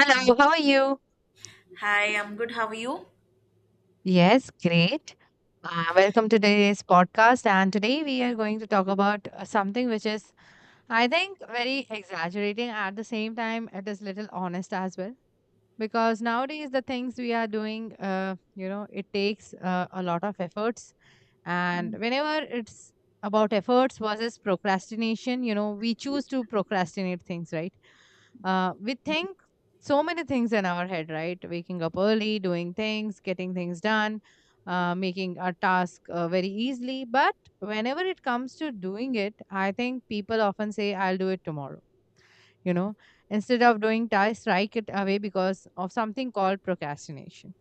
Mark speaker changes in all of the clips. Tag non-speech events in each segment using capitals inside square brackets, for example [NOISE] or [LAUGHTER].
Speaker 1: Hello, how are you?
Speaker 2: Hi, I'm good. How are you?
Speaker 1: Yes, great. Welcome to today's podcast. And today we are going to talk about something which is, I think, very exaggerating. At the same time, it is little honest as well. Because nowadays, the things we are doing, it takes a lot of efforts. And whenever it's about efforts versus procrastination, we choose to procrastinate things, right? We think so many things in our head, right? Waking up early, doing things, getting things done, making a task very easily. But whenever it comes to doing it, I think people often say, I'll do it tomorrow, you know, instead of doing tasks, strike it away because of something called procrastination.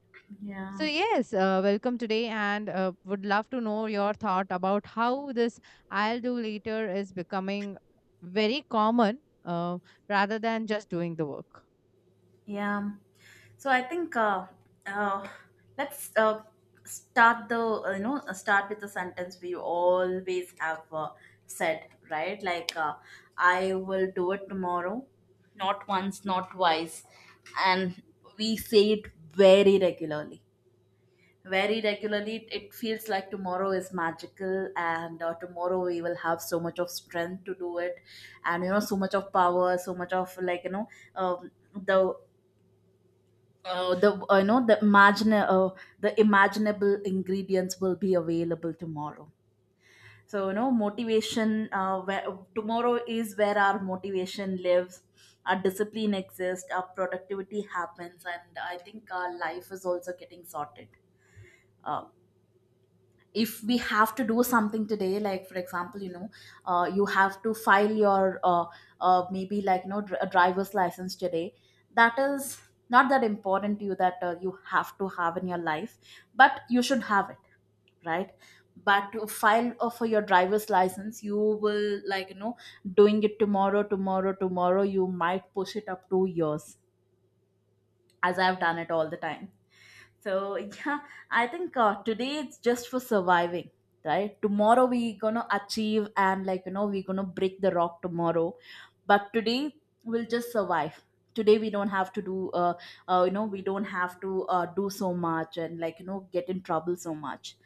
Speaker 1: So,
Speaker 2: Yeah.
Speaker 1: yes, welcome today, and would love to know your thought about how this I'll do later is becoming very common, uh, rather than just doing the work.
Speaker 2: Yeah. So I think uh, let's start the start with the sentence we always have said, right? I will do it tomorrow, not once, not twice, and we say it very regularly. Very regularly, it feels like tomorrow is magical, and tomorrow we will have so much of strength to do it, and you know, so much of power, so much of, like you know, um, the the you know the imagine the imaginable ingredients will be available tomorrow. So you know, motivation, tomorrow is where our motivation lives, our discipline exists, our productivity happens, and I think our life is also getting sorted. uh, if we have to do something today, like for example, you know, you have to file your maybe, like you know, a driver's license today, that is not that important to you, that you have to have in your life, but you should have it, right? But to file for your driver's license, you will, like you know, doing it tomorrow, tomorrow, tomorrow, you might push it up 2 years, as I've done it all the time. So yeah, I think today it's just for surviving, right? Tomorrow we gonna achieve, and like you know, we gonna break the rock tomorrow, but today we'll just survive. Today we don't have to do we don't have to do so much, and like you know, get in trouble so much.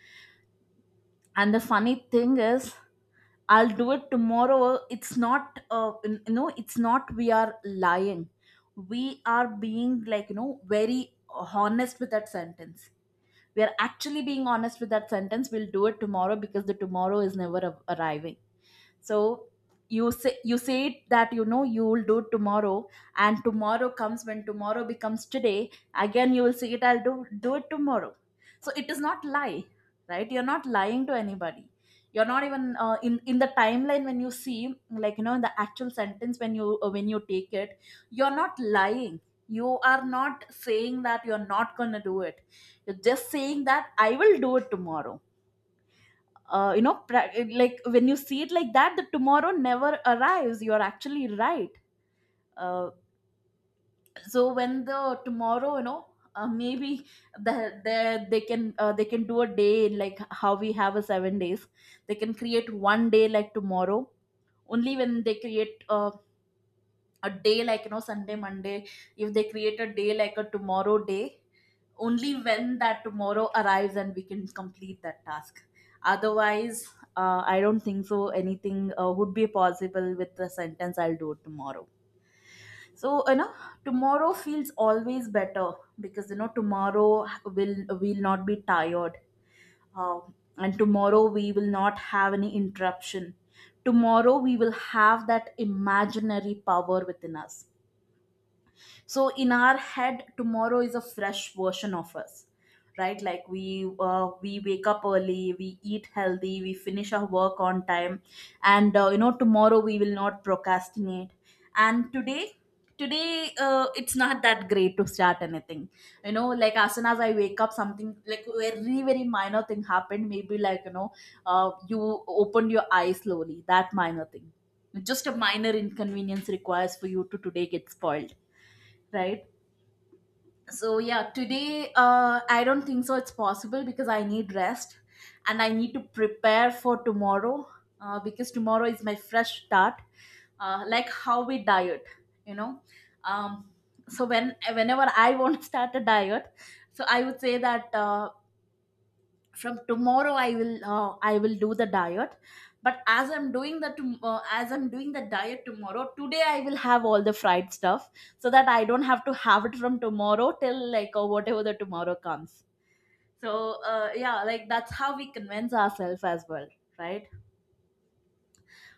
Speaker 2: And the funny thing is, I'll do it tomorrow. It's not you know, it's not we are lying. We are being, like you know, very honest with that sentence. We are actually being honest with that sentence. We'll do it tomorrow because the tomorrow is never arriving. So you say, you say it that, you know, you will do tomorrow, and tomorrow comes. When tomorrow becomes today, again you will say it, I'll do it tomorrow. So it is not lie, right? You're not lying to anybody. You're not even in the timeline, when you see, like you know, in the actual sentence, when you take it, you're not lying. You are not saying that you're not going to do it. You're just saying that I will do it tomorrow. You know, like when you see it like that, the tomorrow never arrives, you are actually right. uh, so when the tomorrow, you know, maybe they can do a day like how we have a 7 days, they can create one day like tomorrow. Only when they create a day like, you know, Sunday, Monday, if they create a day like a tomorrow day, only when that tomorrow arrives, and we can complete that task. Otherwise, I don't think so anything would be possible with the sentence I'll do it tomorrow. So you know, tomorrow feels always better, because you know, tomorrow will will not be tired, uh, and tomorrow we will not have any interruption. Tomorrow we will have that imaginary power within us. So in our head, tomorrow is a fresh version of us, right? Like we wake up early, we eat healthy, we finish our work on time, and you know, tomorrow we will not procrastinate. And today, today it's not that great to start anything. You know, like, as soon as I wake up, something like very, very minor thing happened, maybe, like you know, you opened your eyes slowly, that minor thing, just a minor inconvenience requires for you to today get spoiled, right? So yeah, today I don't think so it's possible, because I need rest, and I need to prepare for tomorrow, because tomorrow is my fresh start. Like how we diet, you know. um, so when, whenever I want to start a diet, so I would say that from tomorrow I will do the diet. But as I'm doing the as I'm doing the diet tomorrow, today I will have all the fried stuff, so that I don't have to have it from tomorrow, till, like, or whatever the tomorrow comes. So yeah, like that's how we convince ourselves as well, right?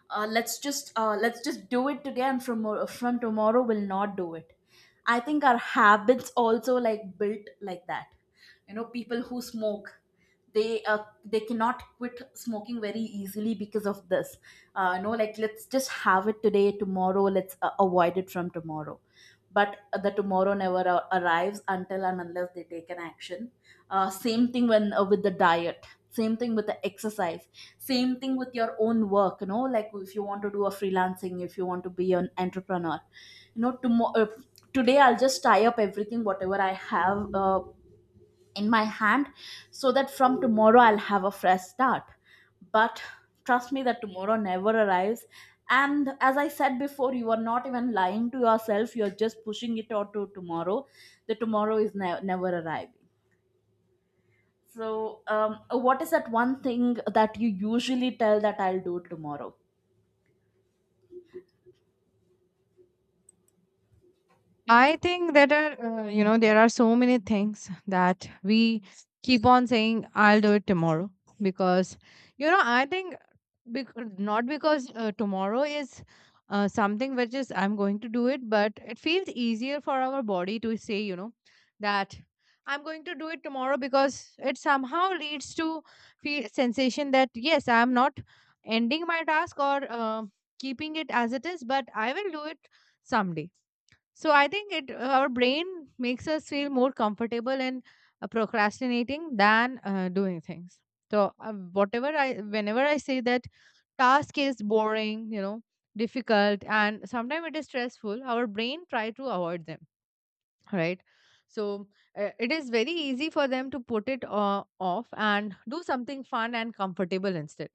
Speaker 2: Let's just do it today, and from from tomorrow will not do it. I think our habits also like built like that. You know, people who smoke, they cannot quit smoking very easily because of this. You know, like, let's just have it today, tomorrow let's avoid it from tomorrow. But the tomorrow never arrives until and unless they take an action. Same thing when with the diet, same thing with the exercise, same thing with your own work. You know, like, if you want to do a freelancing, if you want to be an entrepreneur, you know, tomorrow today I'll just tie up everything whatever I have in my hand, so that from tomorrow I'll have a fresh start. But trust me, that tomorrow never arrives. And as I said before, you are not even lying to yourself, you're just pushing it out to tomorrow. The tomorrow is never arriving. So, what is that one thing that you usually tell that I'll do tomorrow?
Speaker 1: I think that are, there are so many things that we keep on saying, I'll do it tomorrow. Because, I think not because tomorrow is something which is I'm going to do it, but it feels easier for our body to say, that I'm going to do it tomorrow because it somehow leads to feel sensation that, yes, I'm not ending my task or keeping it as it is, but I will do it someday. So I think it our brain makes us feel more comfortable in procrastinating than doing things. So whatever I whenever I say that task is boring, you know, difficult and sometimes it is stressful, our brain try to avoid them, right? So it is very easy for them to put it off and do something fun and comfortable instead,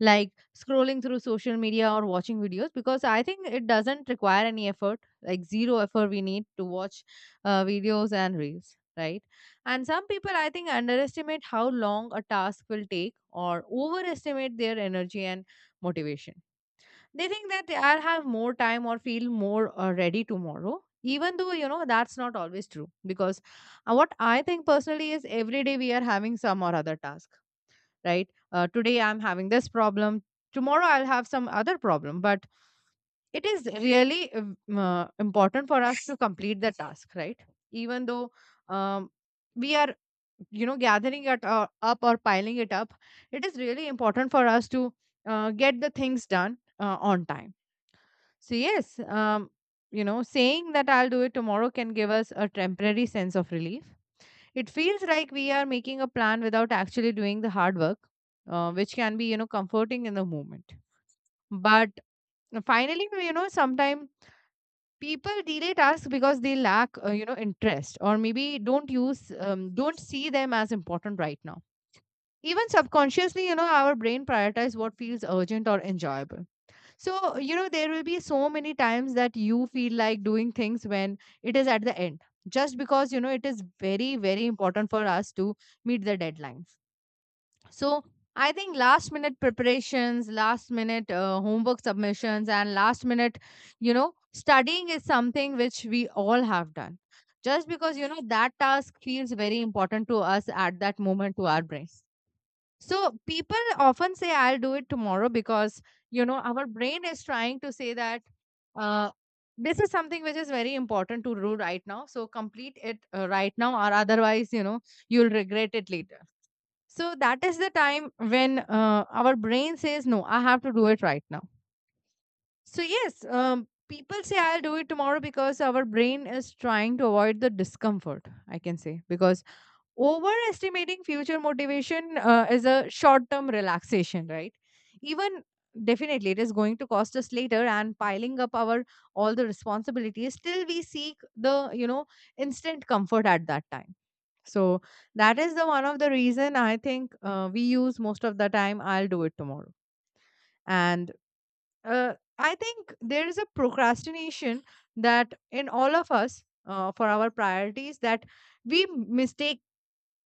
Speaker 1: like scrolling through social media or watching videos, because I think it doesn't require any effort, like zero effort we need to watch videos and reels, right? And some people, I think, underestimate how long a task will take or overestimate their energy and motivation. They think that they are have more time or feel more ready tomorrow. Even though you know that's not always true, because what I think personally is every day we are having some or other task, right? Today I'm having this problem. Tomorrow I'll have some other problem, but it is really important for us to complete the task, right? Even though um, we are gathering it up or piling it up, it is really important for us to get the things done on time. So, yes, saying that I'll do it tomorrow can give us a temporary sense of relief. It feels like we are making a plan without actually doing the hard work, which can be, comforting in the moment. But finally, sometimes people delay tasks because they lack, interest or maybe don't see them as important right now. Even subconsciously, our brain prioritizes what feels urgent or enjoyable. So, there will be so many times that you feel like doing things when it is at the end, just because, it is very, very important for us to meet the deadlines. So, I think last minute preparations, last minute homework submissions, and last minute, studying is something which we all have done. Just because, that task feels very important to us at that moment to our brain. So people often say I'll do it tomorrow because our brain is trying to say that uh, this is something which is very important to do right now. So complete it right now, or otherwise, you'll regret it later. So that is the time when our brain says, "No, I have to do it right now." So yes, people say I'll do it tomorrow because our brain is trying to avoid the discomfort, I can say, because overestimating future motivation is a short term relaxation, right? Even definitely it is going to cost us later and piling up our all the responsibilities, still we seek the instant comfort at that time. So that is the one of the reason I think we use most of the time I'll do it tomorrow. And I think there is a procrastination that in all of us, for our priorities that we mistake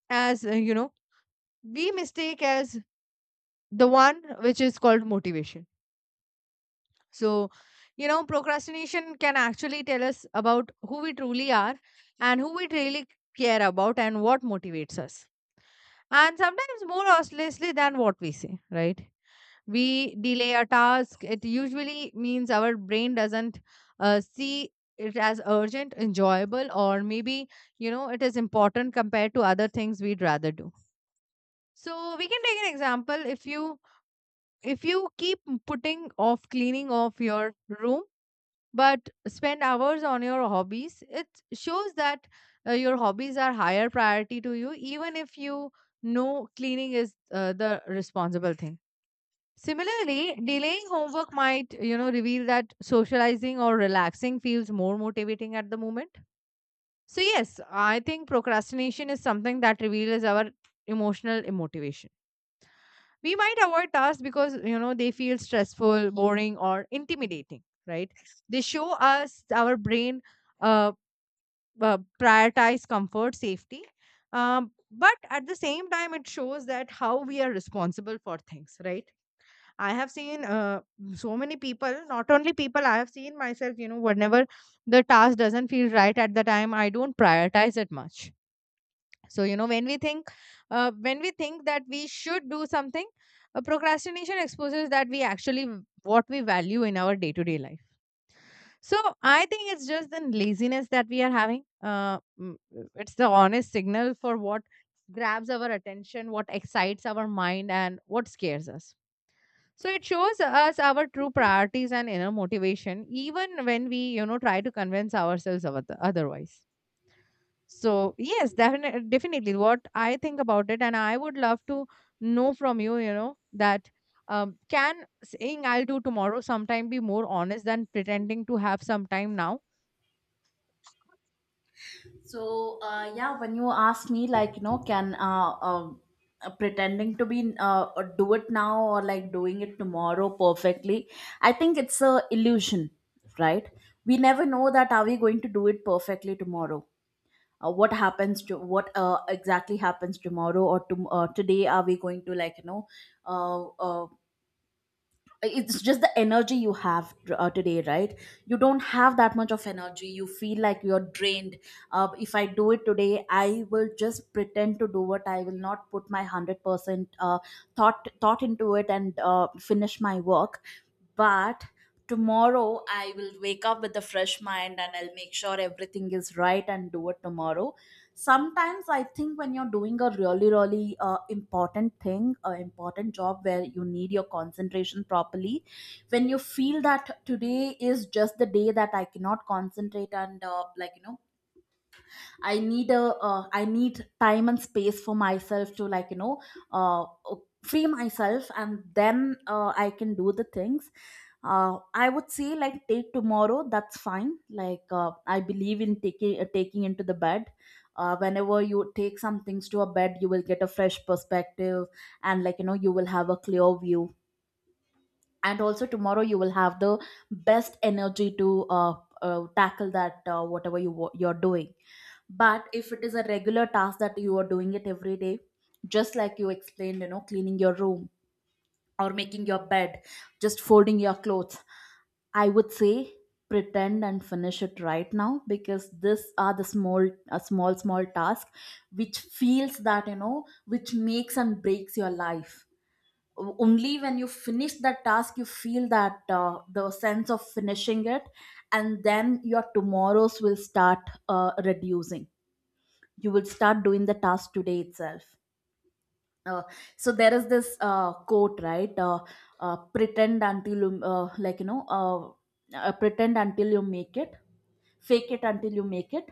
Speaker 1: as we mistake as the one which is called motivation. So, procrastination can actually tell us about who we truly are and who we really care about and what motivates us. And sometimes more obviously than what we say, right? We delay a task, it usually means our brain doesn't see it as urgent, enjoyable, or it is important compared to other things we'd rather do. So, we can take an example. If you keep putting off cleaning off your room but spend hours on your hobbies, it shows that your hobbies are higher priority to you, even if you know cleaning is the responsible thing. Similarly, delaying homework might reveal that socializing or relaxing feels more motivating at the moment. So yes, I think procrastination is something that reveals our emotional immotivation. We might avoid tasks because they feel stressful, boring or intimidating, right? They show us our brain uh, prioritize comfort, safety, but at the same time it shows that how we are responsible for things, right? I have seen so many people, not only people, I have seen myself, whenever the task doesn't feel right at the time I don't prioritize it much. So when we think that we should do something, procrastination exposes that we actually what we value in our day to day life. So I think it's just the laziness that we are having. Uh, mm, it's the honest signal for what grabs our attention, what excites our mind and what scares us. So it shows us our true priorities and inner motivation even when we try to convince ourselves of otherwise. So yes, definitely, definitely. What I think about it, and I would love to know from you, that can saying "I'll do tomorrow" sometime be more honest than pretending to have some time now?
Speaker 2: So, yeah, when you ask me, like, you know, can pretending to be do it now, or like doing it tomorrow perfectly, I think it's a illusion, right? We never know that are we going to do it perfectly tomorrow. What happens to what exactly happens tomorrow, or to, today? Are we going to, like you know, uh, uh, it's just the energy you have today, right? You don't have that much of energy, you feel like you're drained. If I do it today, I will just pretend to do it, I will not put my 100% thought into it and finish my work. But tomorrow I will wake up with a fresh mind, and I'll make sure everything is right and do it tomorrow. Sometimes I think, when you're doing a really, really important thing, a important job where you need your concentration properly, when you feel that today is just the day that I cannot concentrate, and like you know, I need a I need time and space for myself to, like you know, uh, free myself, and then I can do the things. I would say, like, take tomorrow. That's fine. Like I believe in taking into the bed. Whenever you take some things to a bed, you will get a fresh perspective, and like you know, you will have a clear view, and also tomorrow you will have the best energy to tackle that whatever you you're doing. But if it is a regular task that you are doing it every day, just like you explained, you know, cleaning your room, or making your bed, just folding your clothes, I would say pretend and finish it right now, because this are the small, a small, small task, which feels that, you know, which makes and breaks your life. Only when you finish that task, you feel that the sense of finishing it, and then your tomorrows will start reducing. You will start doing the task today itself. uh, so there is this quote, right? Pretend until you like you know Pretend until you make it. Fake it until you make it.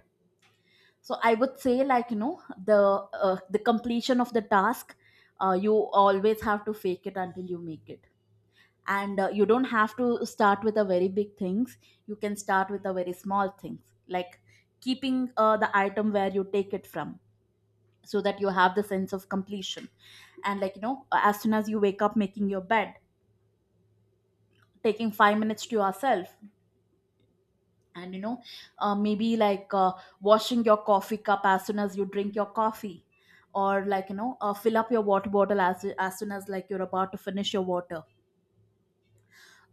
Speaker 2: So I would say, like you know, the completion of the task, you always have to fake it until you make it. And you don't have to start with a very big things, you can start with a very small things, like keeping the item where you take it from, so that you have the sense of completion. And like you know, as soon as you wake up, making your bed, taking 5 minutes to yourself, and you know, maybe like washing your coffee cup as soon as you drink your coffee, or like you know, fill up your water bottle as soon as like you're about to finish your water.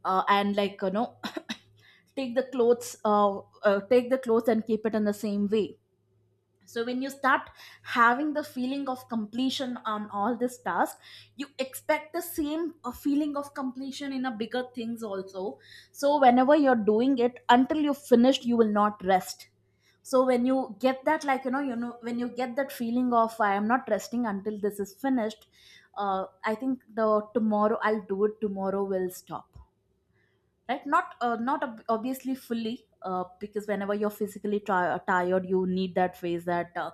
Speaker 2: And like you know, [COUGHS] take the clothes uh, take the clothes and keep it in the same way. So when you start having the feeling of completion on all this task, you expect the same feeling of completion in a bigger things also. So whenever you're doing it, until you finished, you will not rest. So when you get that, like you know when you get that feeling of I am not resting until this is finished. I think the tomorrow I'll do it tomorrow will stop, right? Not obviously fully, because whenever you're physically tired you need that phase, that,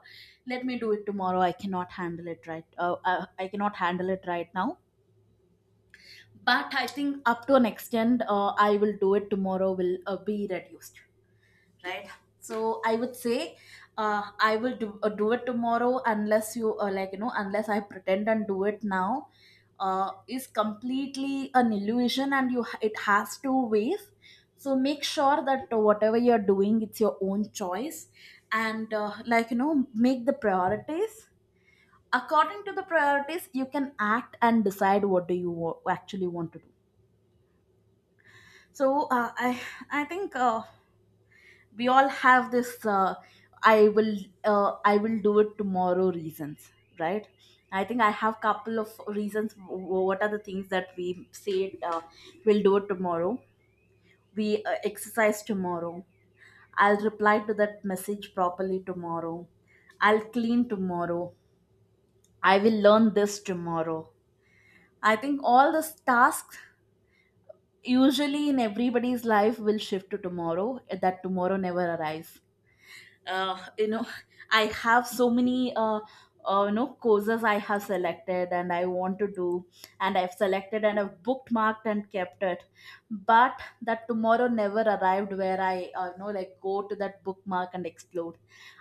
Speaker 2: let me do it tomorrow, I cannot handle it right. I cannot handle it right now. But I think up to an extent, I will do it tomorrow will be reduced, right? So I would say, I will do it tomorrow unless you, like you know unless I pretend and do it now, is completely an illusion. And it has two ways. So make sure that whatever you're doing, it's your own choice. And make the priorities. According to the priorities, you can act and decide what do you actually want to do. So I think we all have this i will I will do it tomorrow reasons, right? I think I have couple of reasons, what are the things that we say, uh, we'll do it tomorrow. We, exercise tomorrow. I'll reply to that message properly tomorrow. I'll clean tomorrow. I will learn this tomorrow. I think all these tasks usually in everybody's life will shift to tomorrow. That tomorrow never arrives. You know, I have so many, you know, courses I have selected and I want to do, and I've selected and I've bookmarked and kept it. But that tomorrow never arrived where I, you know, like go to that bookmark and explore.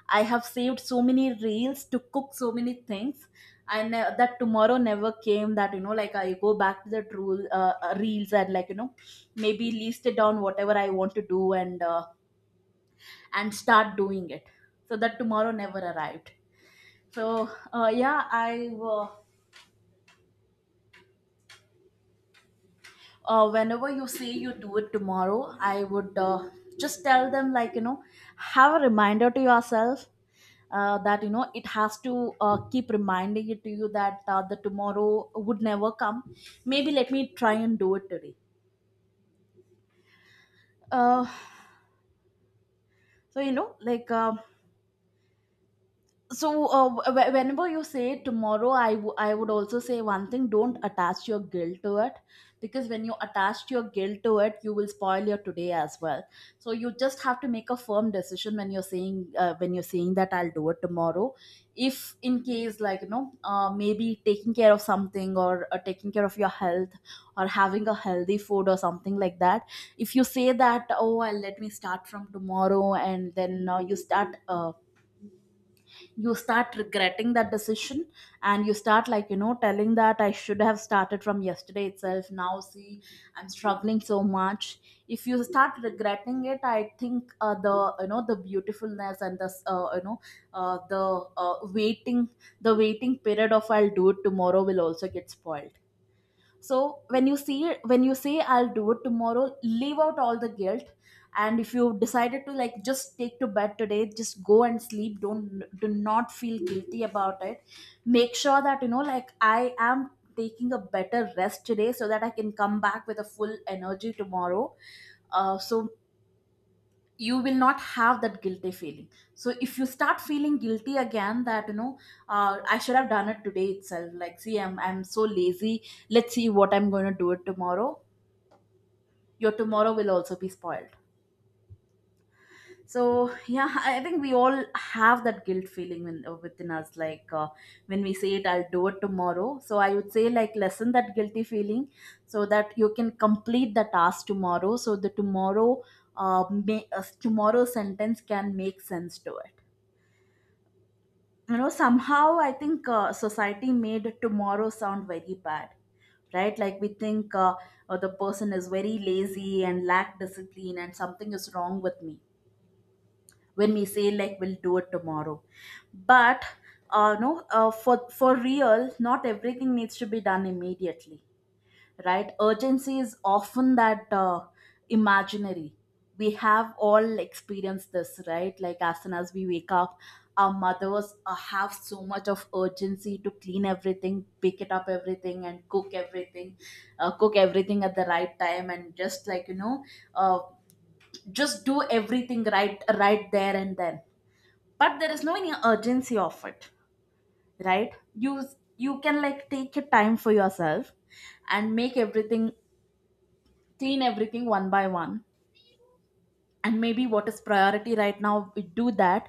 Speaker 2: I have saved so many reels to cook so many things. And that tomorrow never came that, you know, like I go back to the rule reels and maybe list it down whatever I want to do, and start doing it. So that tomorrow never arrived. So yeah, I whenever you say you do it tomorrow, I would, just tell them, have a reminder to yourself, that you know it has to keep reminding it to you that the tomorrow would never come. Maybe let me try and do it today. uh, so you know like um so whenever you say tomorrow, I would also say one thing: don't attach your guilt to it. Because when you attach your guilt to it, you will spoil your today as well. So you just have to make a firm decision when you're saying that I'll do it tomorrow. If in case, maybe taking care of something or taking care of your health, or having a healthy food or something like that, if you say that, oh, I'll, let me start from tomorrow, and then you start regretting that decision, and you start, telling that I should have started from yesterday itself, now see, I'm struggling so much. If you start regretting it, I think, the, the beautifulness and the, uh, the waiting, the waiting period of I'll do it tomorrow will also get spoiled. So when you say I'll do it tomorrow, leave out all the guilt. And if you decided to like just take to bed today, just go and sleep, don't do not feel guilty about it. Make sure that, you know, like I am taking a better rest today so that I can come back with a full energy tomorrow. So you will not have that guilty feeling. So if you start feeling guilty again that, you know, I should have done it today itself, like see, I'm so lazy, let's see what I'm going to do it tomorrow, your tomorrow will also be spoiled. So yeah, I think we all have that guilt feeling in within us, like, when we say it I'll do it tomorrow. So I would say, like, lessen that guilty feeling so that you can complete the task tomorrow, so the tomorrow tomorrow sentence can make sense to it. You know, somehow I think society made tomorrow sound very bad, right? Like we think, the person is very lazy and lack discipline and something is wrong with me when we say like we'll do it tomorrow. But no, for real, not everything needs to be done immediately, right? Urgency is often that, imaginary. We have all experienced this, right? Like as soon as we wake up, our mothers, have so much of urgency to clean everything, pick it up everything, and cook everything. Cook everything at the right time and just, uh, just do everything right, right there and then. But there is no any urgency of it, right? You can like take your time for yourself and make everything, clean everything one by one, and maybe what is priority right now, we do that,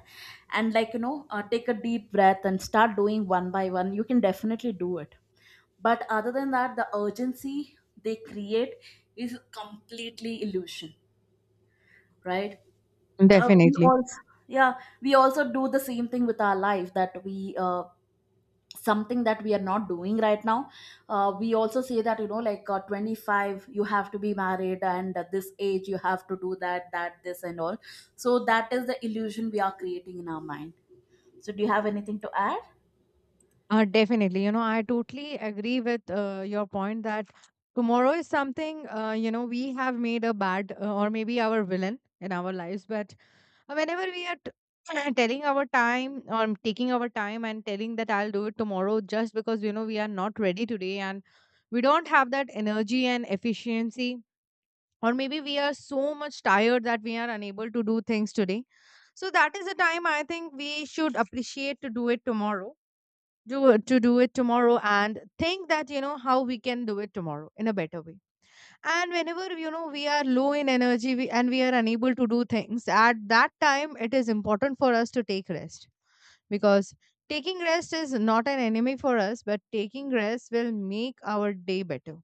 Speaker 2: and, take a deep breath and start doing one by one, you can definitely do it. But other than that, the urgency they create is completely illusion, right? We
Speaker 1: Definitely.
Speaker 2: also Yeah, we also do the same thing with our life, that we, something that we are not doing right now, we also say that, you know, like, 25 you have to be married, and at this age you have to do that, that, this, and all. So that is the illusion we are creating in our mind. So do you have anything to add?
Speaker 1: Definitely. I totally agree with your point that tomorrow is something, we have made a bad, or maybe our villain in our lives. But whenever we are [CLEARS THROAT] telling our time or taking our time and telling that I'll do it tomorrow, just because, we are not ready today and we don't have that energy and efficiency, or maybe we are so much tired that we are unable to do things today. So that is the time I think we should appreciate to do it tomorrow and think that you know how we can do it tomorrow in a better way. And whenever we are low in energy, and we are unable to do things at that time, it is important for us to take rest, because taking rest is not an enemy for us, but taking rest will make our day better.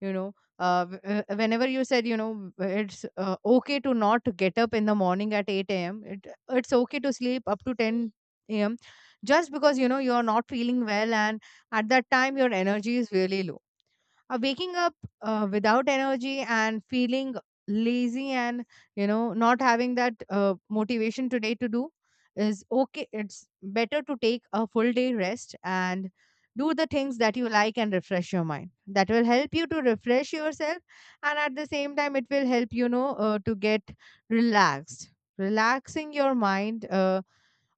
Speaker 1: You know uh, w- uh, whenever you said, it's okay to not get up in the morning at 8 a.m., it's okay to sleep up to 10 a.m. just because you know you're not feeling well and at that time your energy is really low. Waking up without energy and feeling lazy and not having that motivation today to do is okay. It's better to take a full day rest and do the things that you like and refresh your mind. That will help you to refresh yourself, and at the same time, it will help to get relaxed. Relaxing your mind uh,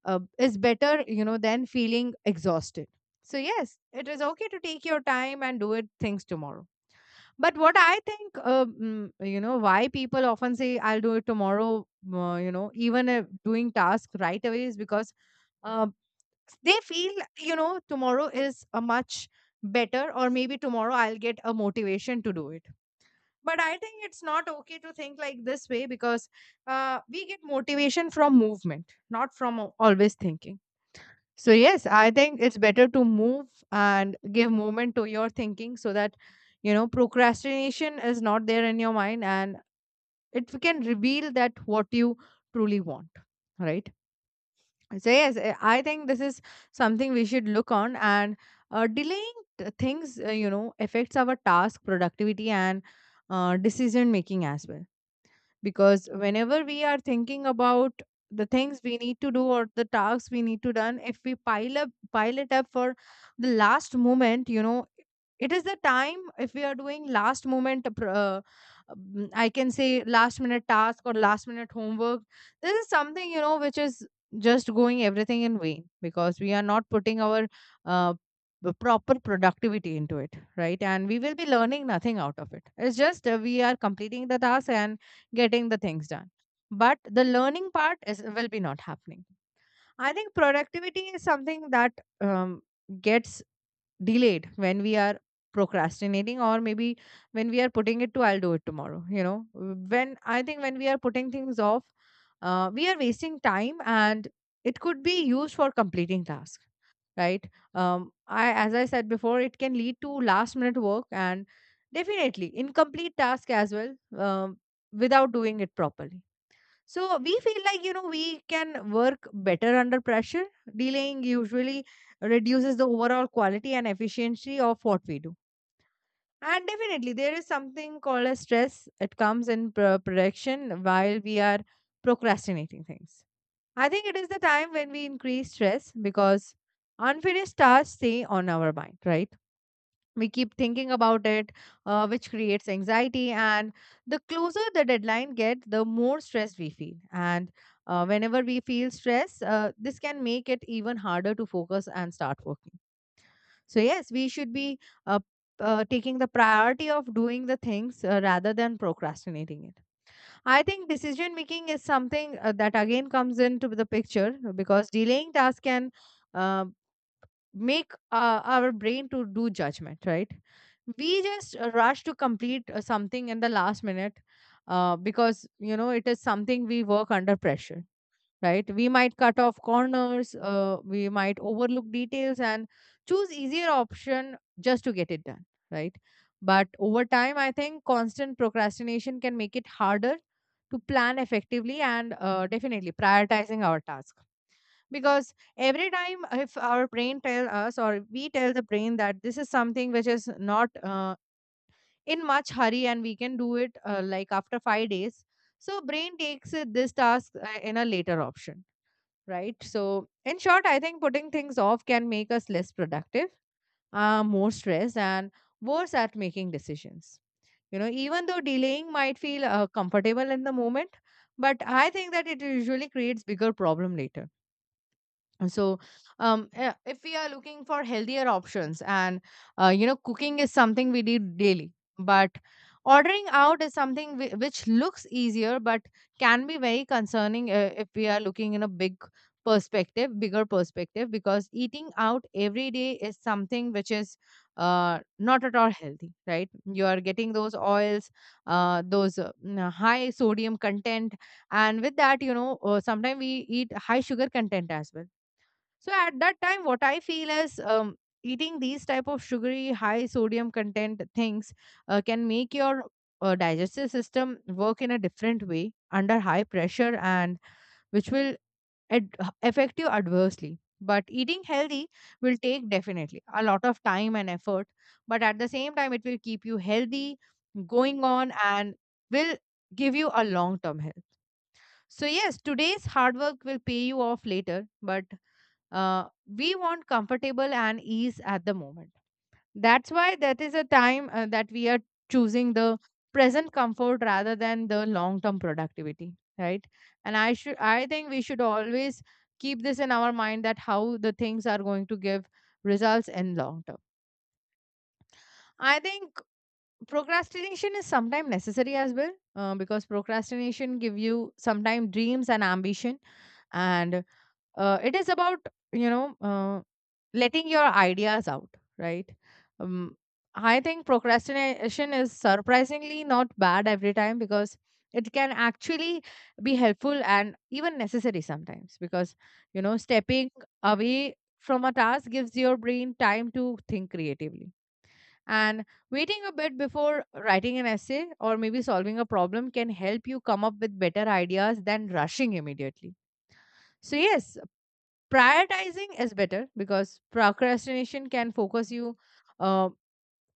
Speaker 1: uh, is better, than feeling exhausted. So yes, it is okay to take your time and do it things tomorrow. But what I think, why people often say, I'll do it tomorrow, even doing tasks right away is because uh, they feel, tomorrow is a much better, or maybe tomorrow I'll get a motivation to do it. But I think it's not okay to think like this way because we get motivation from movement, not from always thinking. So yes, I think it's better to move and give movement to your thinking so that you know procrastination is not there in your mind, and it can reveal that what you truly want, right? So yes, I think this is something we should look on. And delaying things, you know, affects our task productivity and decision making as well, because whenever we are thinking about the things we need to do or the tasks we need to done, if we pile it up for the last moment, you know, it is the time. If we are doing last moment, I can say last minute task or last minute homework, this is something, you know, which is just going everything in vain, because we are not putting our uh, the proper productivity into it, right? And we will be learning nothing out of it. It's just, we are completing the task and getting the things done, but the learning part is will be not happening. I think productivity is something that gets delayed when we are procrastinating, or maybe when we are putting it to I'll do it tomorrow, you know. When I think when we are putting things off, we are wasting time and it could be used for completing tasks, right? um, I, as I said before, it can lead to last minute work and definitely incomplete task as well, um, without doing it properly. So we feel like, you know, we can work better under pressure. Delaying usually reduces the overall quality and efficiency of what we do. And definitely, there is something called as stress. It comes in production while we are procrastinating things. I think it is the time when we increase stress, because unfinished tasks stay on our mind, right? We keep thinking about it, which creates anxiety. And the closer the deadline gets, the more stress we feel. And whenever we feel stress, this can make it even harder to focus and start working. So yes, we should be uh, taking the priority of doing the things rather than procrastinating it. I think decision making is something that again comes into the picture, because delaying tasks can. um Make our brain to do judgment, right? We just rush to complete something in the last minute, because you know it is something we work under pressure, right? We might cut off corners, we might overlook details and choose easier option just to get it done, right? But over time I think constant procrastination can make it harder to plan effectively and definitely prioritizing our tasks, because every time if our brain tell us, or we tell the brain that this is something which is not in much hurry and we can do it like after 5 days, so brain takes it, this task in a later option, right? So in short, I think putting things off can make us less productive, more stressed, and worse at making decisions. You know, even though delaying might feel comfortable in the moment, but I think that it usually creates bigger problem later. So if we are looking for healthier options, and you know, cooking is something we do daily, but ordering out is something which looks easier, but can be very concerning if we are looking in a bigger perspective, because eating out every day is something which is not at all healthy, right? You are getting those oils, those, high sodium content, and with that, you know, sometimes we eat high sugar content as well. So at that time what I feel is, eating these type of sugary, high sodium content things can make your digestive system work in a different way under high pressure, and which will ad- affect you adversely. But eating healthy will take definitely a lot of time and effort, but at the same time it will keep you healthy going on, and will give you a long term health. So yes, today's hard work will pay you off later, but we want comfortable and ease at the moment. That's why that is a time that we are choosing the present comfort rather than the long term productivity, right? And I think we should always keep this in our mind, that how the things are going to give results in long term. I think procrastination is sometimes necessary as well, because procrastination give you sometimes dreams and ambition, and it is about, you know, letting your ideas out, right? um, I think procrastination is surprisingly not bad every time, because it can actually be helpful and even necessary sometimes, because you know, stepping away from a task gives your brain time to think creatively. And waiting a bit before writing an essay or maybe solving a problem can help you come up with better ideas than rushing immediately. So yes, prioritizing is better, because procrastination can focus you uh,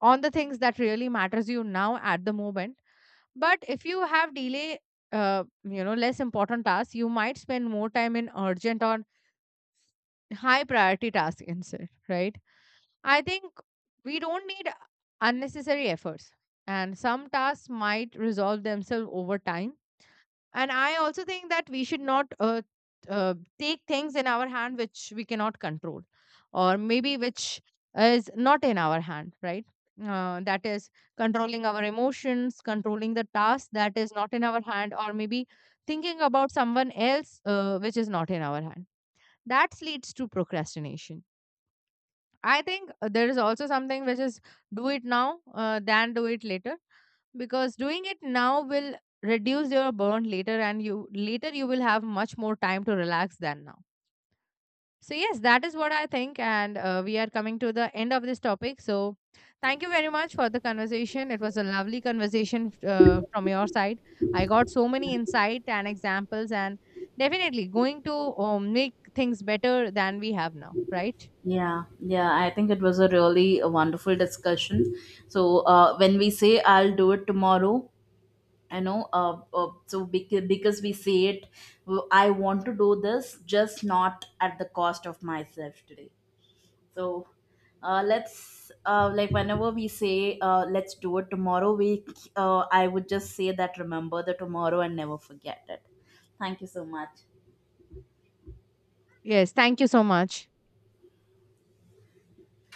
Speaker 1: on the things that really matters you now at the moment. But if you have delay you know less important tasks, you might spend more time in urgent or high priority tasks instead, right? I think we don't need unnecessary efforts, and some tasks might resolve themselves over time. And I also think that we should not take things in our hand which we cannot control, or maybe which is not in our hand, right? That is controlling our emotions, controlling the task that is not in our hand, or maybe thinking about someone else which is not in our hand, that leads to procrastination. I think there is also something which is do it now than do it later, because doing it now will reduce your burn later, and you later you will have much more time to relax than now. So yes, that is what I think, and we are coming to the end of this topic. So thank you very much for the conversation. It was a lovely conversation from your side. I got so many insight and examples, and definitely going to make things better than we have now, right?
Speaker 2: Yeah, yeah, I think it was a really a wonderful discussion. So when we say I'll do it tomorrow, I know, so because we say it, I want to do this just not at the cost of myself today. So let's like whenever we say, let's do it tomorrow, we, I would just say that remember the tomorrow and never forget it. Thank you so much.
Speaker 1: Yes, thank you so much.